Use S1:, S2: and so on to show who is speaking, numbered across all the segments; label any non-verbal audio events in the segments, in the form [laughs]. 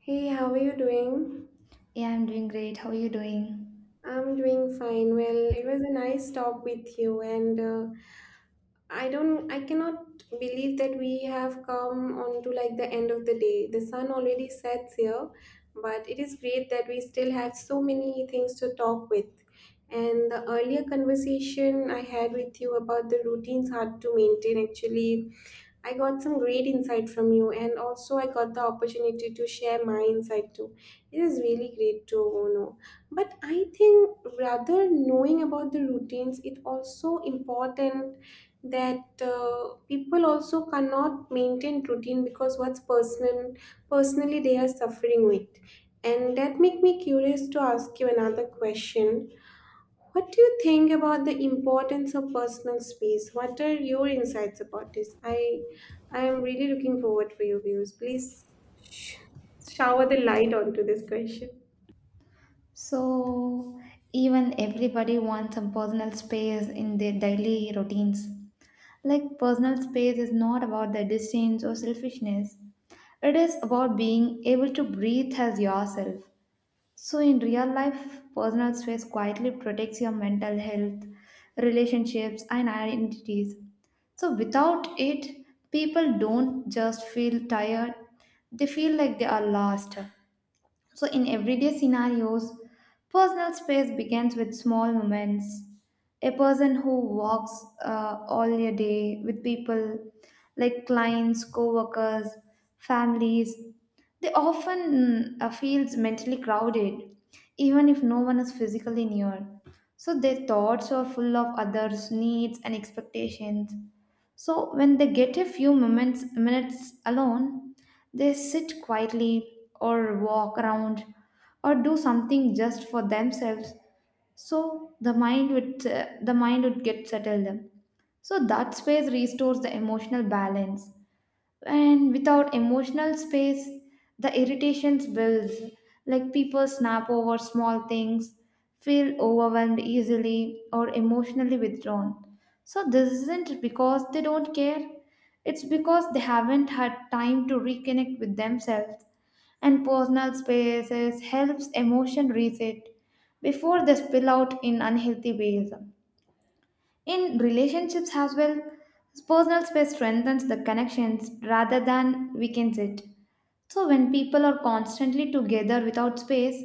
S1: Hey, how are you doing?
S2: Yeah, I'm doing great. How are you doing?
S1: I'm doing fine. Well, it was a nice talk with you, and I don't, I cannot believe that we have come on to like the end of the day. The sun already sets here, but it is great that we still have so many things to talk with. And the earlier conversation I had with you about the routines hard to maintain actually I got some great insight from you, and also I got the opportunity to share my insight too. It is really great to know. But I think rather knowing about the routines, it also important that people also cannot maintain routine because what's personal personally they are suffering with. And that make me curious to ask you another question, what do you think about the importance of personal space? What are your insights about this? I am really looking forward for your views. Please sh- shower the light onto this question.
S2: So, even everybody wants some personal space in their daily routines. Like, personal space is not about the distance or selfishness, it is about being able to breathe as yourself. So, in real life, personal space quietly protects your mental health, relationships, and identities. So, without it, people don't just feel tired, they feel like they are lost. So, in everyday scenarios, personal space begins with small moments. A person who walks all a day with people like clients, co workers, families, they often feels mentally crowded, even if no one is physically near. So, their thoughts are full of others' needs and expectations. So when they get a few moments minutes alone, they sit quietly or walk around or do something just for themselves. So the mind would get settled. So that space restores the emotional balance, and without emotional space the irritations builds, like people snap over small things, feel overwhelmed easily or emotionally withdrawn. So this isn't because they don't care, it's because they haven't had time to reconnect with themselves, and personal spaces helps emotion reset before they spill out in unhealthy ways. In relationships as well, personal space strengthens the connections rather than weakens it. So, when people are constantly together without space,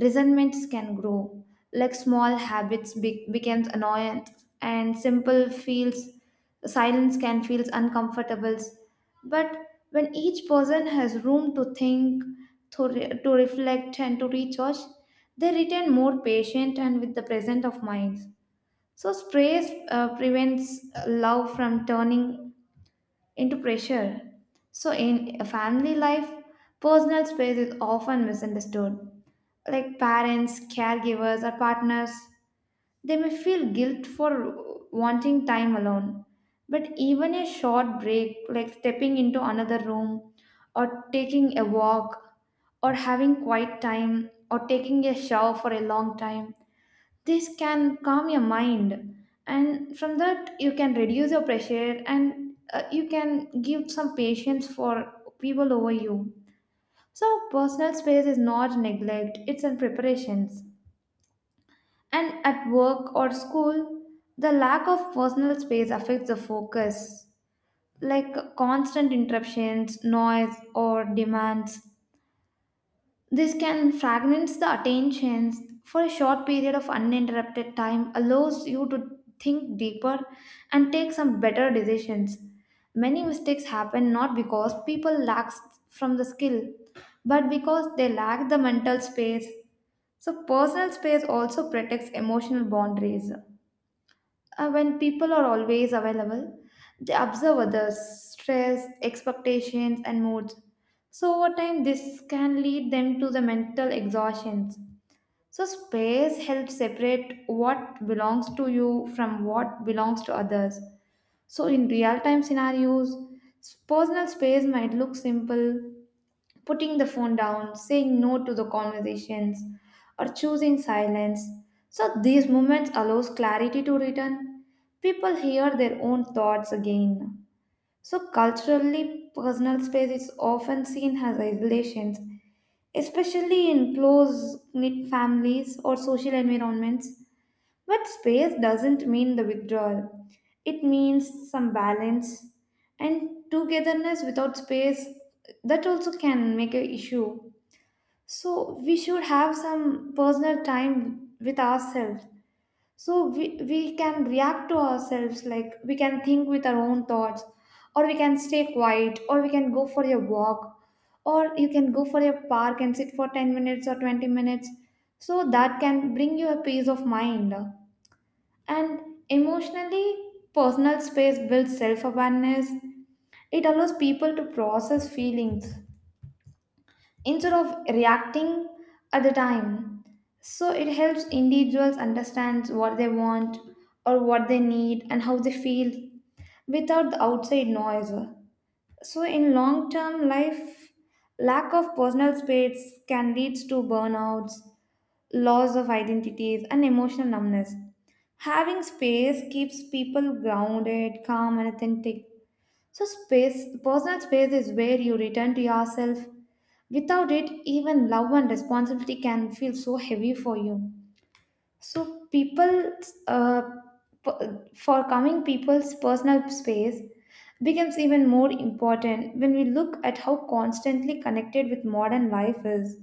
S2: resentments can grow. Like small habits becomes annoyance, and simple feels silence can feel uncomfortable. But when each person has room to think, to, to reflect, and to recharge, they return more patient and with the present of minds. So, sprays prevents love from turning into pressure. So, in a family life, personal space is often misunderstood. Like parents, caregivers, or partners, they may feel guilt for wanting time alone. But even a short break, like stepping into another room, or taking a walk, or having quiet time, or taking a shower for a long time, this can calm your mind, and from that you can reduce your pressure and you can give some patience for people over you. So personal space is not neglect, it's in preparations. And at work or school, the lack of personal space affects the focus, like constant interruptions, noise, or demands. This can fragment the attention for a short period of uninterrupted time, allows you to think deeper and take some better decisions. Many mistakes happen not because people lack from the skill, but because they lack the mental space. So, personal space also protects emotional boundaries. When people are always available, they observe others' stress, expectations, and moods. So, over time, this can lead them to the mental exhaustions. So, space helps separate what belongs to you from what belongs to others. So, in real time scenarios, personal space might look simple, putting the phone down, saying no to the conversations, or choosing silence. So these moments allows clarity to return. People hear their own thoughts again. So culturally, personal space is often seen as isolation, especially in close-knit families or social environments. But space doesn't mean the withdrawal. It means some balance, and togetherness without space that also can make an issue. So we should have some personal time with ourselves. So we can react to ourselves, like we can think with our own thoughts, or we can stay quiet, or we can go for a walk, or you can go for a park and sit for 10 minutes or 20 minutes. So that can bring you a peace of mind. And emotionally, personal space builds self awareness. It allows people to process feelings instead of reacting at the time. So it helps individuals understand what they want or what they need and how they feel without the outside noise. So in long term life, lack of personal space can lead to burnouts, loss of identities, and emotional numbness. Having space keeps people grounded, calm, and authentic. So, space, personal space is where you return to yourself. Without it, even love and responsibility can feel so heavy for you. So, people, uh, p- for coming people's personal space becomes even more important when we look at how constantly connected with modern life is.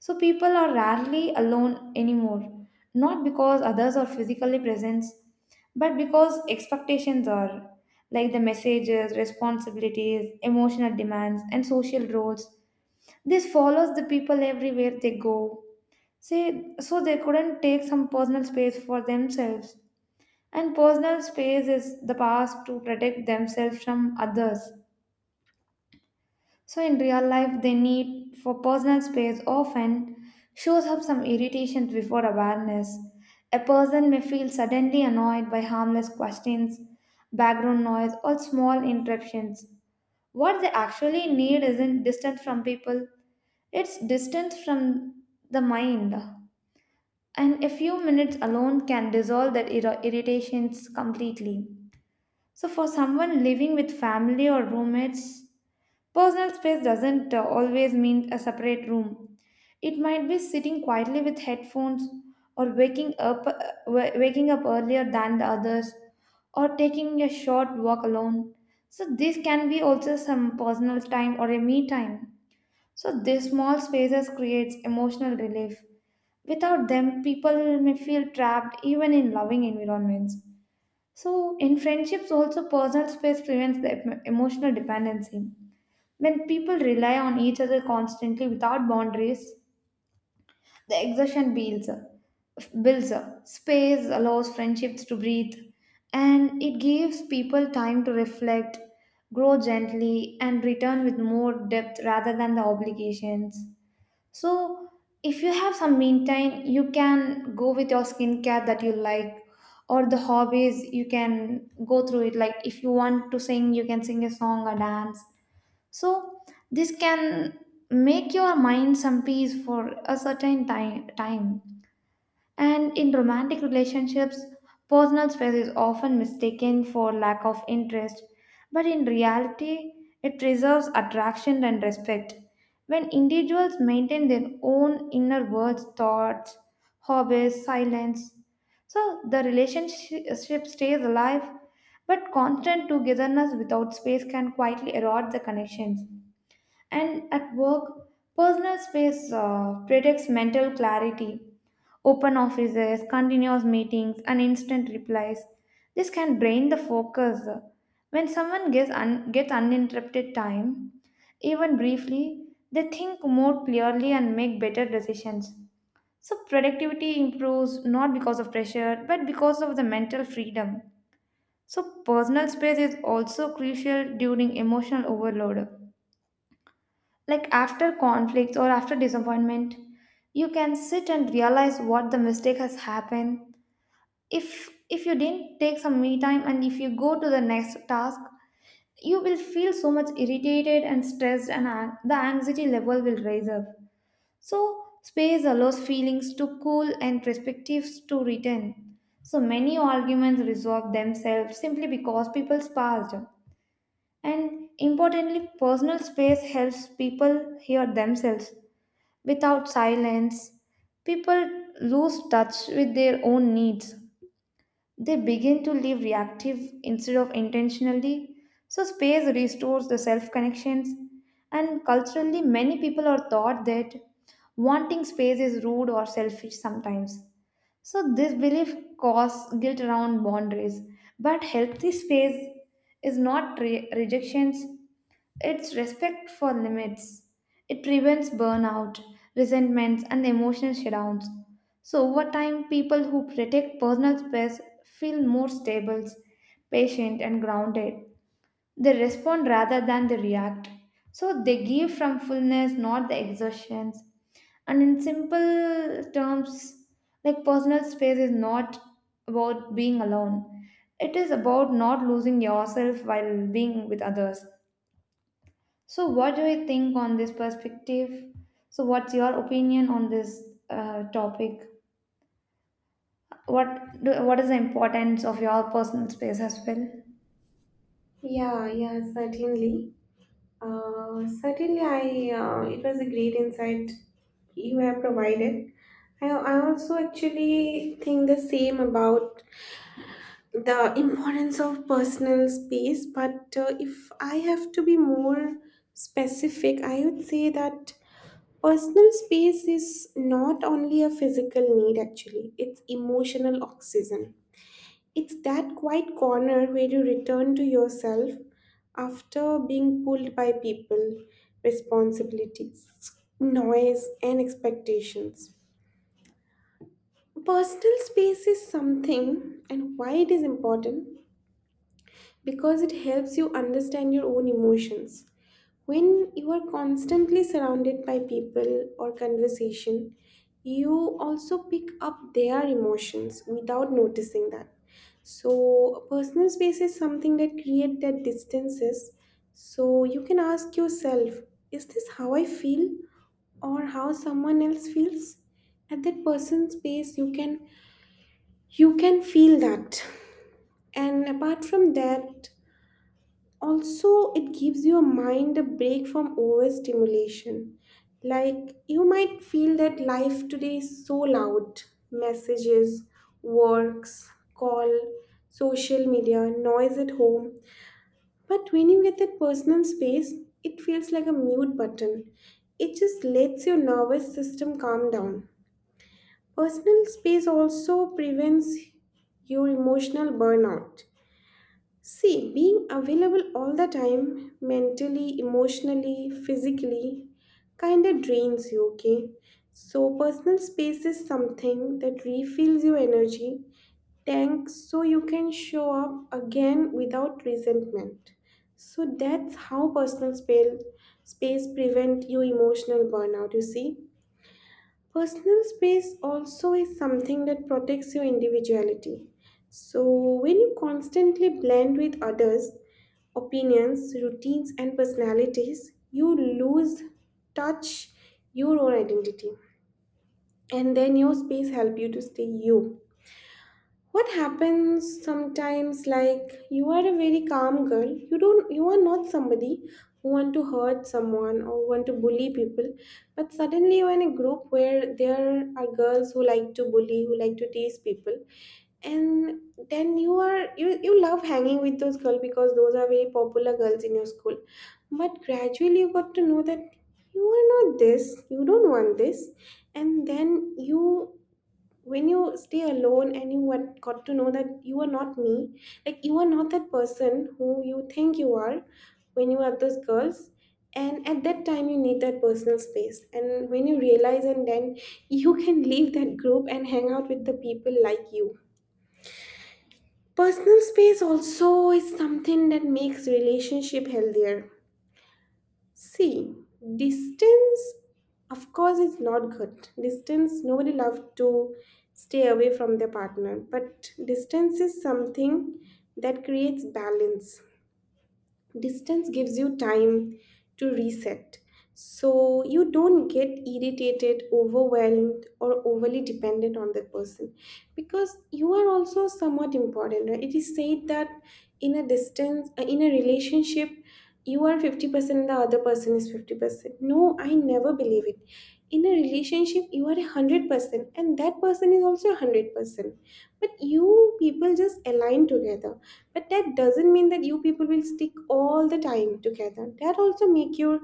S2: So, people are rarely alone anymore, not because others are physically present, but because expectations are, like the messages, responsibilities, emotional demands, and social roles, this follows the people everywhere they go. See, so they couldn't take some personal space for themselves. And personal space is the past to protect themselves from others. So in real life, the need for personal space often shows up some irritations before awareness. A person may feel suddenly annoyed by harmless questions, background noise, or small interruptions. What they actually need isn't distance from people, it's distance from the mind, and a few minutes alone can dissolve that irritations completely. So, for someone living with family or roommates, personal space doesn't always mean a separate room. It might be sitting quietly with headphones, or waking up waking up earlier than the others, or taking a short walk alone. So, this can be also some personal time or a me time. So these small spaces creates emotional relief. Without them, people may feel trapped even in loving environments. So in friendships also personal space prevents the emotional dependency. When people rely on each other constantly without boundaries, the exhaustion builds up. Builds up. Space allows friendships to breathe and it gives people time to reflect, grow gently, and return with more depth rather than the obligations. So, if you have some meantime, you can go with your skincare that you like or the hobbies, you can go through it. Like, if you want to sing, you can sing a song or dance. So, this can make your mind some peace for a certain time. And in romantic relationships, personal space is often mistaken for lack of interest, but in reality, it preserves attraction and respect. When individuals maintain their own inner worlds, thoughts, hobbies, silence, so the relationship stays alive, but constant togetherness without space can quietly erode the connections. And at work, personal space protects mental clarity. Open offices, continuous meetings, and instant replies. This can drain the focus. When someone gets, gets uninterrupted time, even briefly, they think more clearly and make better decisions. So, productivity improves not because of pressure but because of the mental freedom. So, personal space is also crucial during emotional overload. Like after conflicts or after disappointment, you can sit and realize what the mistake has happened. If you didn't take some me time and if you go to the next task, you will feel so much irritated and stressed, and the anxiety level will rise up. So space allows feelings to cool and perspectives to return. So many arguments resolve themselves simply because people passed. And importantly, personal space helps people hear themselves. Without silence, people lose touch with their own needs. They begin to live reactive instead of intentionally. So space restores the self connections. And culturally, many people are taught that wanting space is rude or selfish sometimes. So this belief causes guilt around boundaries. But healthy space is not rejections. It's respect for limits. It prevents burnout, resentments, and emotional shutdowns. So, over time, people who protect personal space feel more stable, patient, and grounded. They respond rather than they react. So, they give from fullness, not the exertions. And in simple terms, like personal space is not about being alone, it is about not losing yourself while being with others. So, what do you think on this perspective? So, what's your opinion on this topic? What is the importance of your personal space as well?
S1: Yeah, yeah, certainly. Certainly, I it was a great insight you have provided. I also actually think the same about the importance of personal space, but if I have to be more specific, I would say that personal space is not only a physical need, actually it's emotional oxygen. It's that quiet corner where you return to yourself after being pulled by people, responsibilities, noise, and expectations. Personal space is something, and why it is important? Because it helps you understand your own emotions. When you are constantly surrounded by people or conversation, you also pick up their emotions without noticing that. So, personal space is something that create that distances. So, you can ask yourself, is this how I feel or how someone else feels? At that person's space, you can, you can feel that. And apart from that, also it gives your mind a break from overstimulation. Like, you might feel that life today is so loud: messages, works call, social media noise at home. But when you get that personal space, it feels like a mute button. It just lets your nervous system calm down. Personal space also prevents your emotional burnout. See, being available all the time, mentally, emotionally, physically, kind of drains you, okay? So, personal space is something that refills your energy tank, so you can show up again without resentment. So, that's how personal space, space prevent you emotional burnout, you see? Personal space also is something that protects your individuality. So, when you constantly blend with others' opinions, routines, and personalities, you lose touch your own identity. And then your space help you to stay you. What happens sometimes, like, you are a very calm girl, you don't, you are not somebody who want to hurt someone or want to bully people, but suddenly you're in a group where there are girls who like to bully, who like to tease people. And then you are you love hanging with those girls because those are very popular girls in your school. But gradually you got to know that you are not this, you don't want this. And then you, when you stay alone and you want, got to know that you are not me, like you are not that person who you think you are when you are those girls. And at that time you need that personal space, and when you realize, and then you can leave that group and hang out with the people like you. Personal space also is something that makes relationship healthier. See, distance, of course, is not good. Distance, nobody loves to stay away from their partner, but distance is something that creates balance. Distance gives you time to reset so you don't get irritated, overwhelmed, or overly dependent on that person, because you are also somewhat important, right? It is said that in a distance in a relationship you are 50% and the other person is 50%. No, I never believe it. In a relationship you are 100% and that person is also 100%, but you people just align together. But that doesn't mean that you people will stick all the time together. That also make you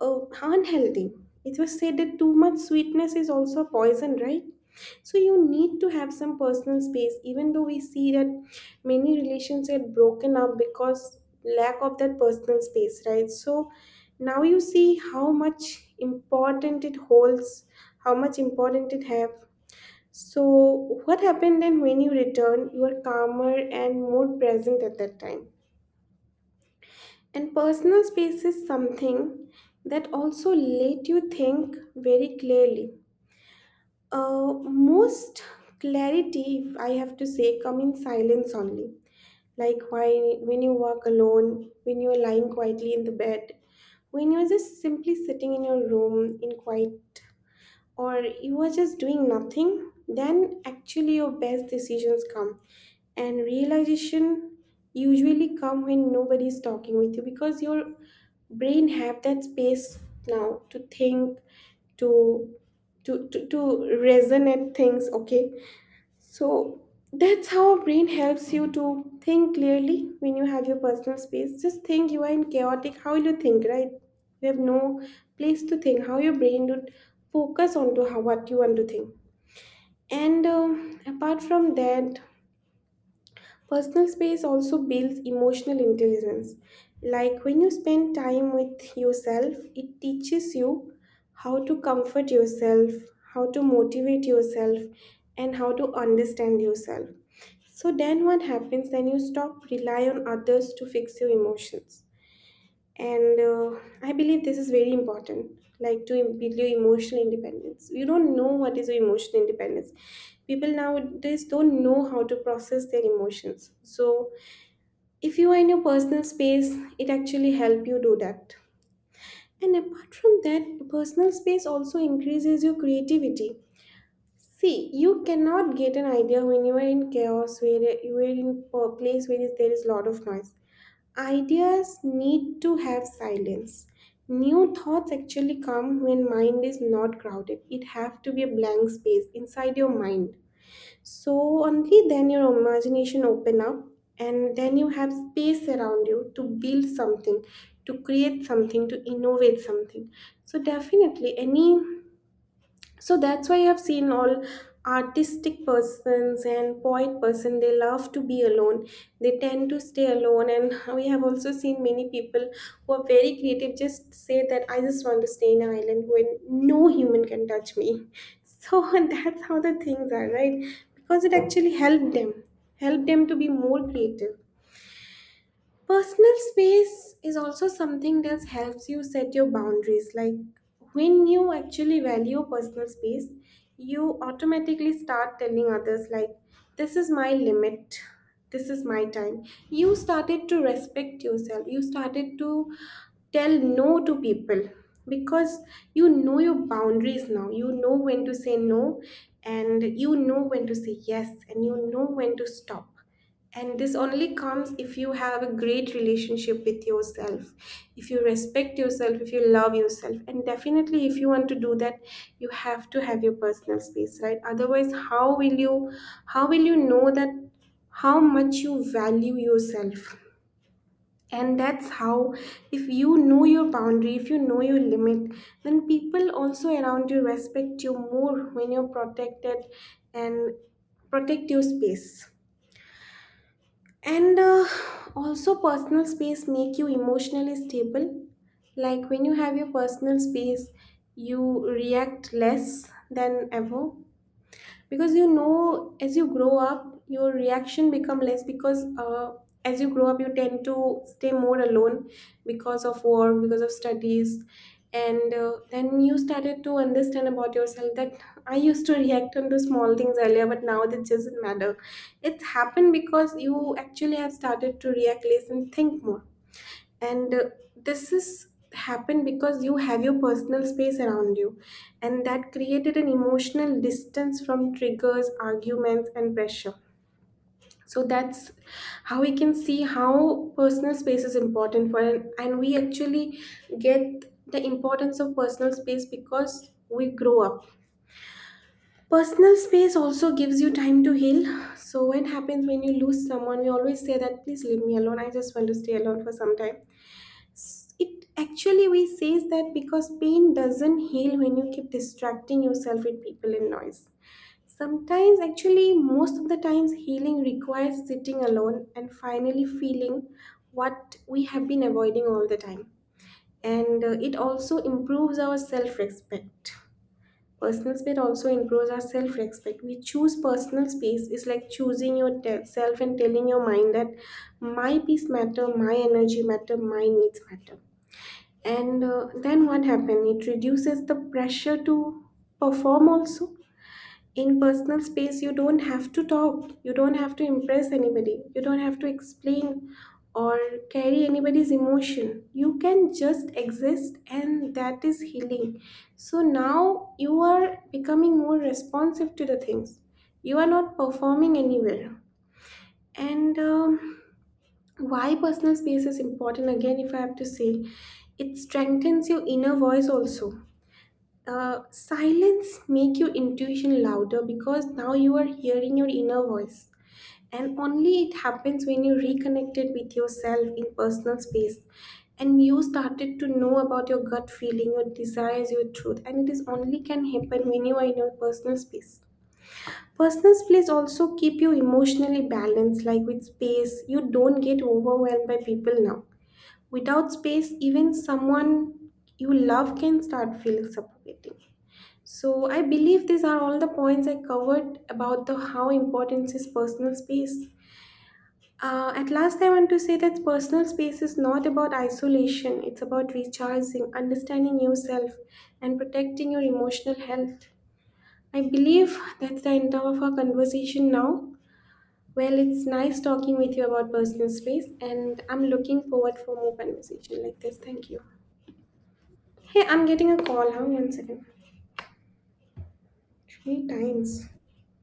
S1: unhealthy. It was said that too much sweetness is also poison, right? So you need to have some personal space, even though we see that many relations get broken up because lack of that personal space, right? So now you see how much important it holds, how much important it have. So what happened then? When you return, you are calmer and more present at that time. And personal space is something that also let you think very clearly. Most clarity, if I have to say, come in silence only. Like why, when you walk alone, when you're lying quietly in the bed, when you're just simply sitting in your room in quiet, or you are just doing nothing, then actually your best decisions come. And realization usually come when nobody is talking with you, because your brain have that space now to think, to to resonate things, okay? So that's how a brain helps you to think clearly when you have your personal space. Just think you are in chaotic. How will you think, right? You have no place to think. How your brain would focus onto how what you want to think? And apart from that, personal space also builds emotional intelligence. Like when you spend time with yourself, it teaches you how to comfort yourself, how to motivate yourself, and how to understand yourself. So then what happens? Then you stop rely on others to fix your emotions. And I believe this is very important, like to build your emotional independence. You don't know what is your emotional independence. People nowadays don't know how to process their emotions. So if you are in your personal space, it actually help you do that. And apart from that, personal space also increases your creativity. See, you cannot get an idea when you are in chaos, where you are in a place where there is lot of noise. Ideas need to have silence. New thoughts actually come when mind is not crowded. It have to be a blank space inside your mind. So only then your imagination open up, and then you have space around you to build something, to create something, to innovate something. So definitely any, so that's why I've seen all artistic persons and poet person, they love to be alone. They tend to stay alone. And we have also seen many people who are very creative just say that I just want to stay in an island where no human can touch me. So [laughs] that's how the things are, right? Because it actually helped them, helped them to be more creative. Personal space is also something that helps you set your boundaries. Like when you actually value personal space, you automatically start telling others, like, this is my limit, this is my time. You started to respect yourself, you started to tell no to people, because you know your boundaries now. You know when to say no, and you know when to say yes, and you know when to stop. And this only comes if you have a great relationship with yourself, if you respect yourself, if you love yourself. And definitely, if you want to do that, you have to have your personal space, right? Otherwise, how will you, how will you know that how much you value yourself? And that's how, if you know your boundary, if you know your limit, then people also around you respect you more when you're protected and protect your space. And also, personal space make you emotionally stable. Like when you have your personal space, you react less than ever, because you know as you grow up your reaction become less, because as you grow up you tend to stay more alone because of work, because of studies. And then you started to understand about yourself that I used to react on small things earlier, but now that doesn't matter. It's happened because you actually have started to react less and think more. And this is happened because you have your personal space around you, and that created an emotional distance from triggers, arguments, and pressure. So that's how we can see how personal space is important for an, and we actually get the importance of personal space because we grow up. Personal space also gives you time to heal. So what happens when you lose someone? We always say that please leave me alone, I just want to stay alone for some time. It actually, we says that because pain doesn't heal when you keep distracting yourself with people and noise. Sometimes, actually most of the times, healing requires sitting alone and finally feeling what we have been avoiding all the time. And it also improves our self-respect. Personal space also improves our self-respect. We choose personal space is like choosing yourself and telling your mind that my peace matter, my energy matter, my needs matter. And then what happened? It reduces the pressure to perform also. In personal space, you don't have to talk, you don't have to impress anybody, you don't have to explain or carry anybody's emotion. You can just exist, and that is healing. So now you are becoming more responsive to the things, you are not performing anywhere. And why personal space is important again, if I have to say, it strengthens your inner voice also. Silence make your intuition louder, because now you are hearing your inner voice, and only it happens when you reconnected with yourself in personal space. And you started to know about your gut feeling, your desires, your truth, and it is only can happen when you are in your personal space. Personal space also keep you emotionally balanced. Like with space, you don't get overwhelmed by people now. Without space, even someone you love can start feeling suffocating. So I believe these are all the points I covered about the how important is personal space. At last, I want to say that personal space is not about isolation. It's about recharging, understanding yourself, and protecting your emotional health. I believe that's the end of our conversation now. Well, it's nice talking with you about personal space, and I'm looking forward for more conversation like this. Thank you. Hey, I'm getting a call. Have one second. Three times.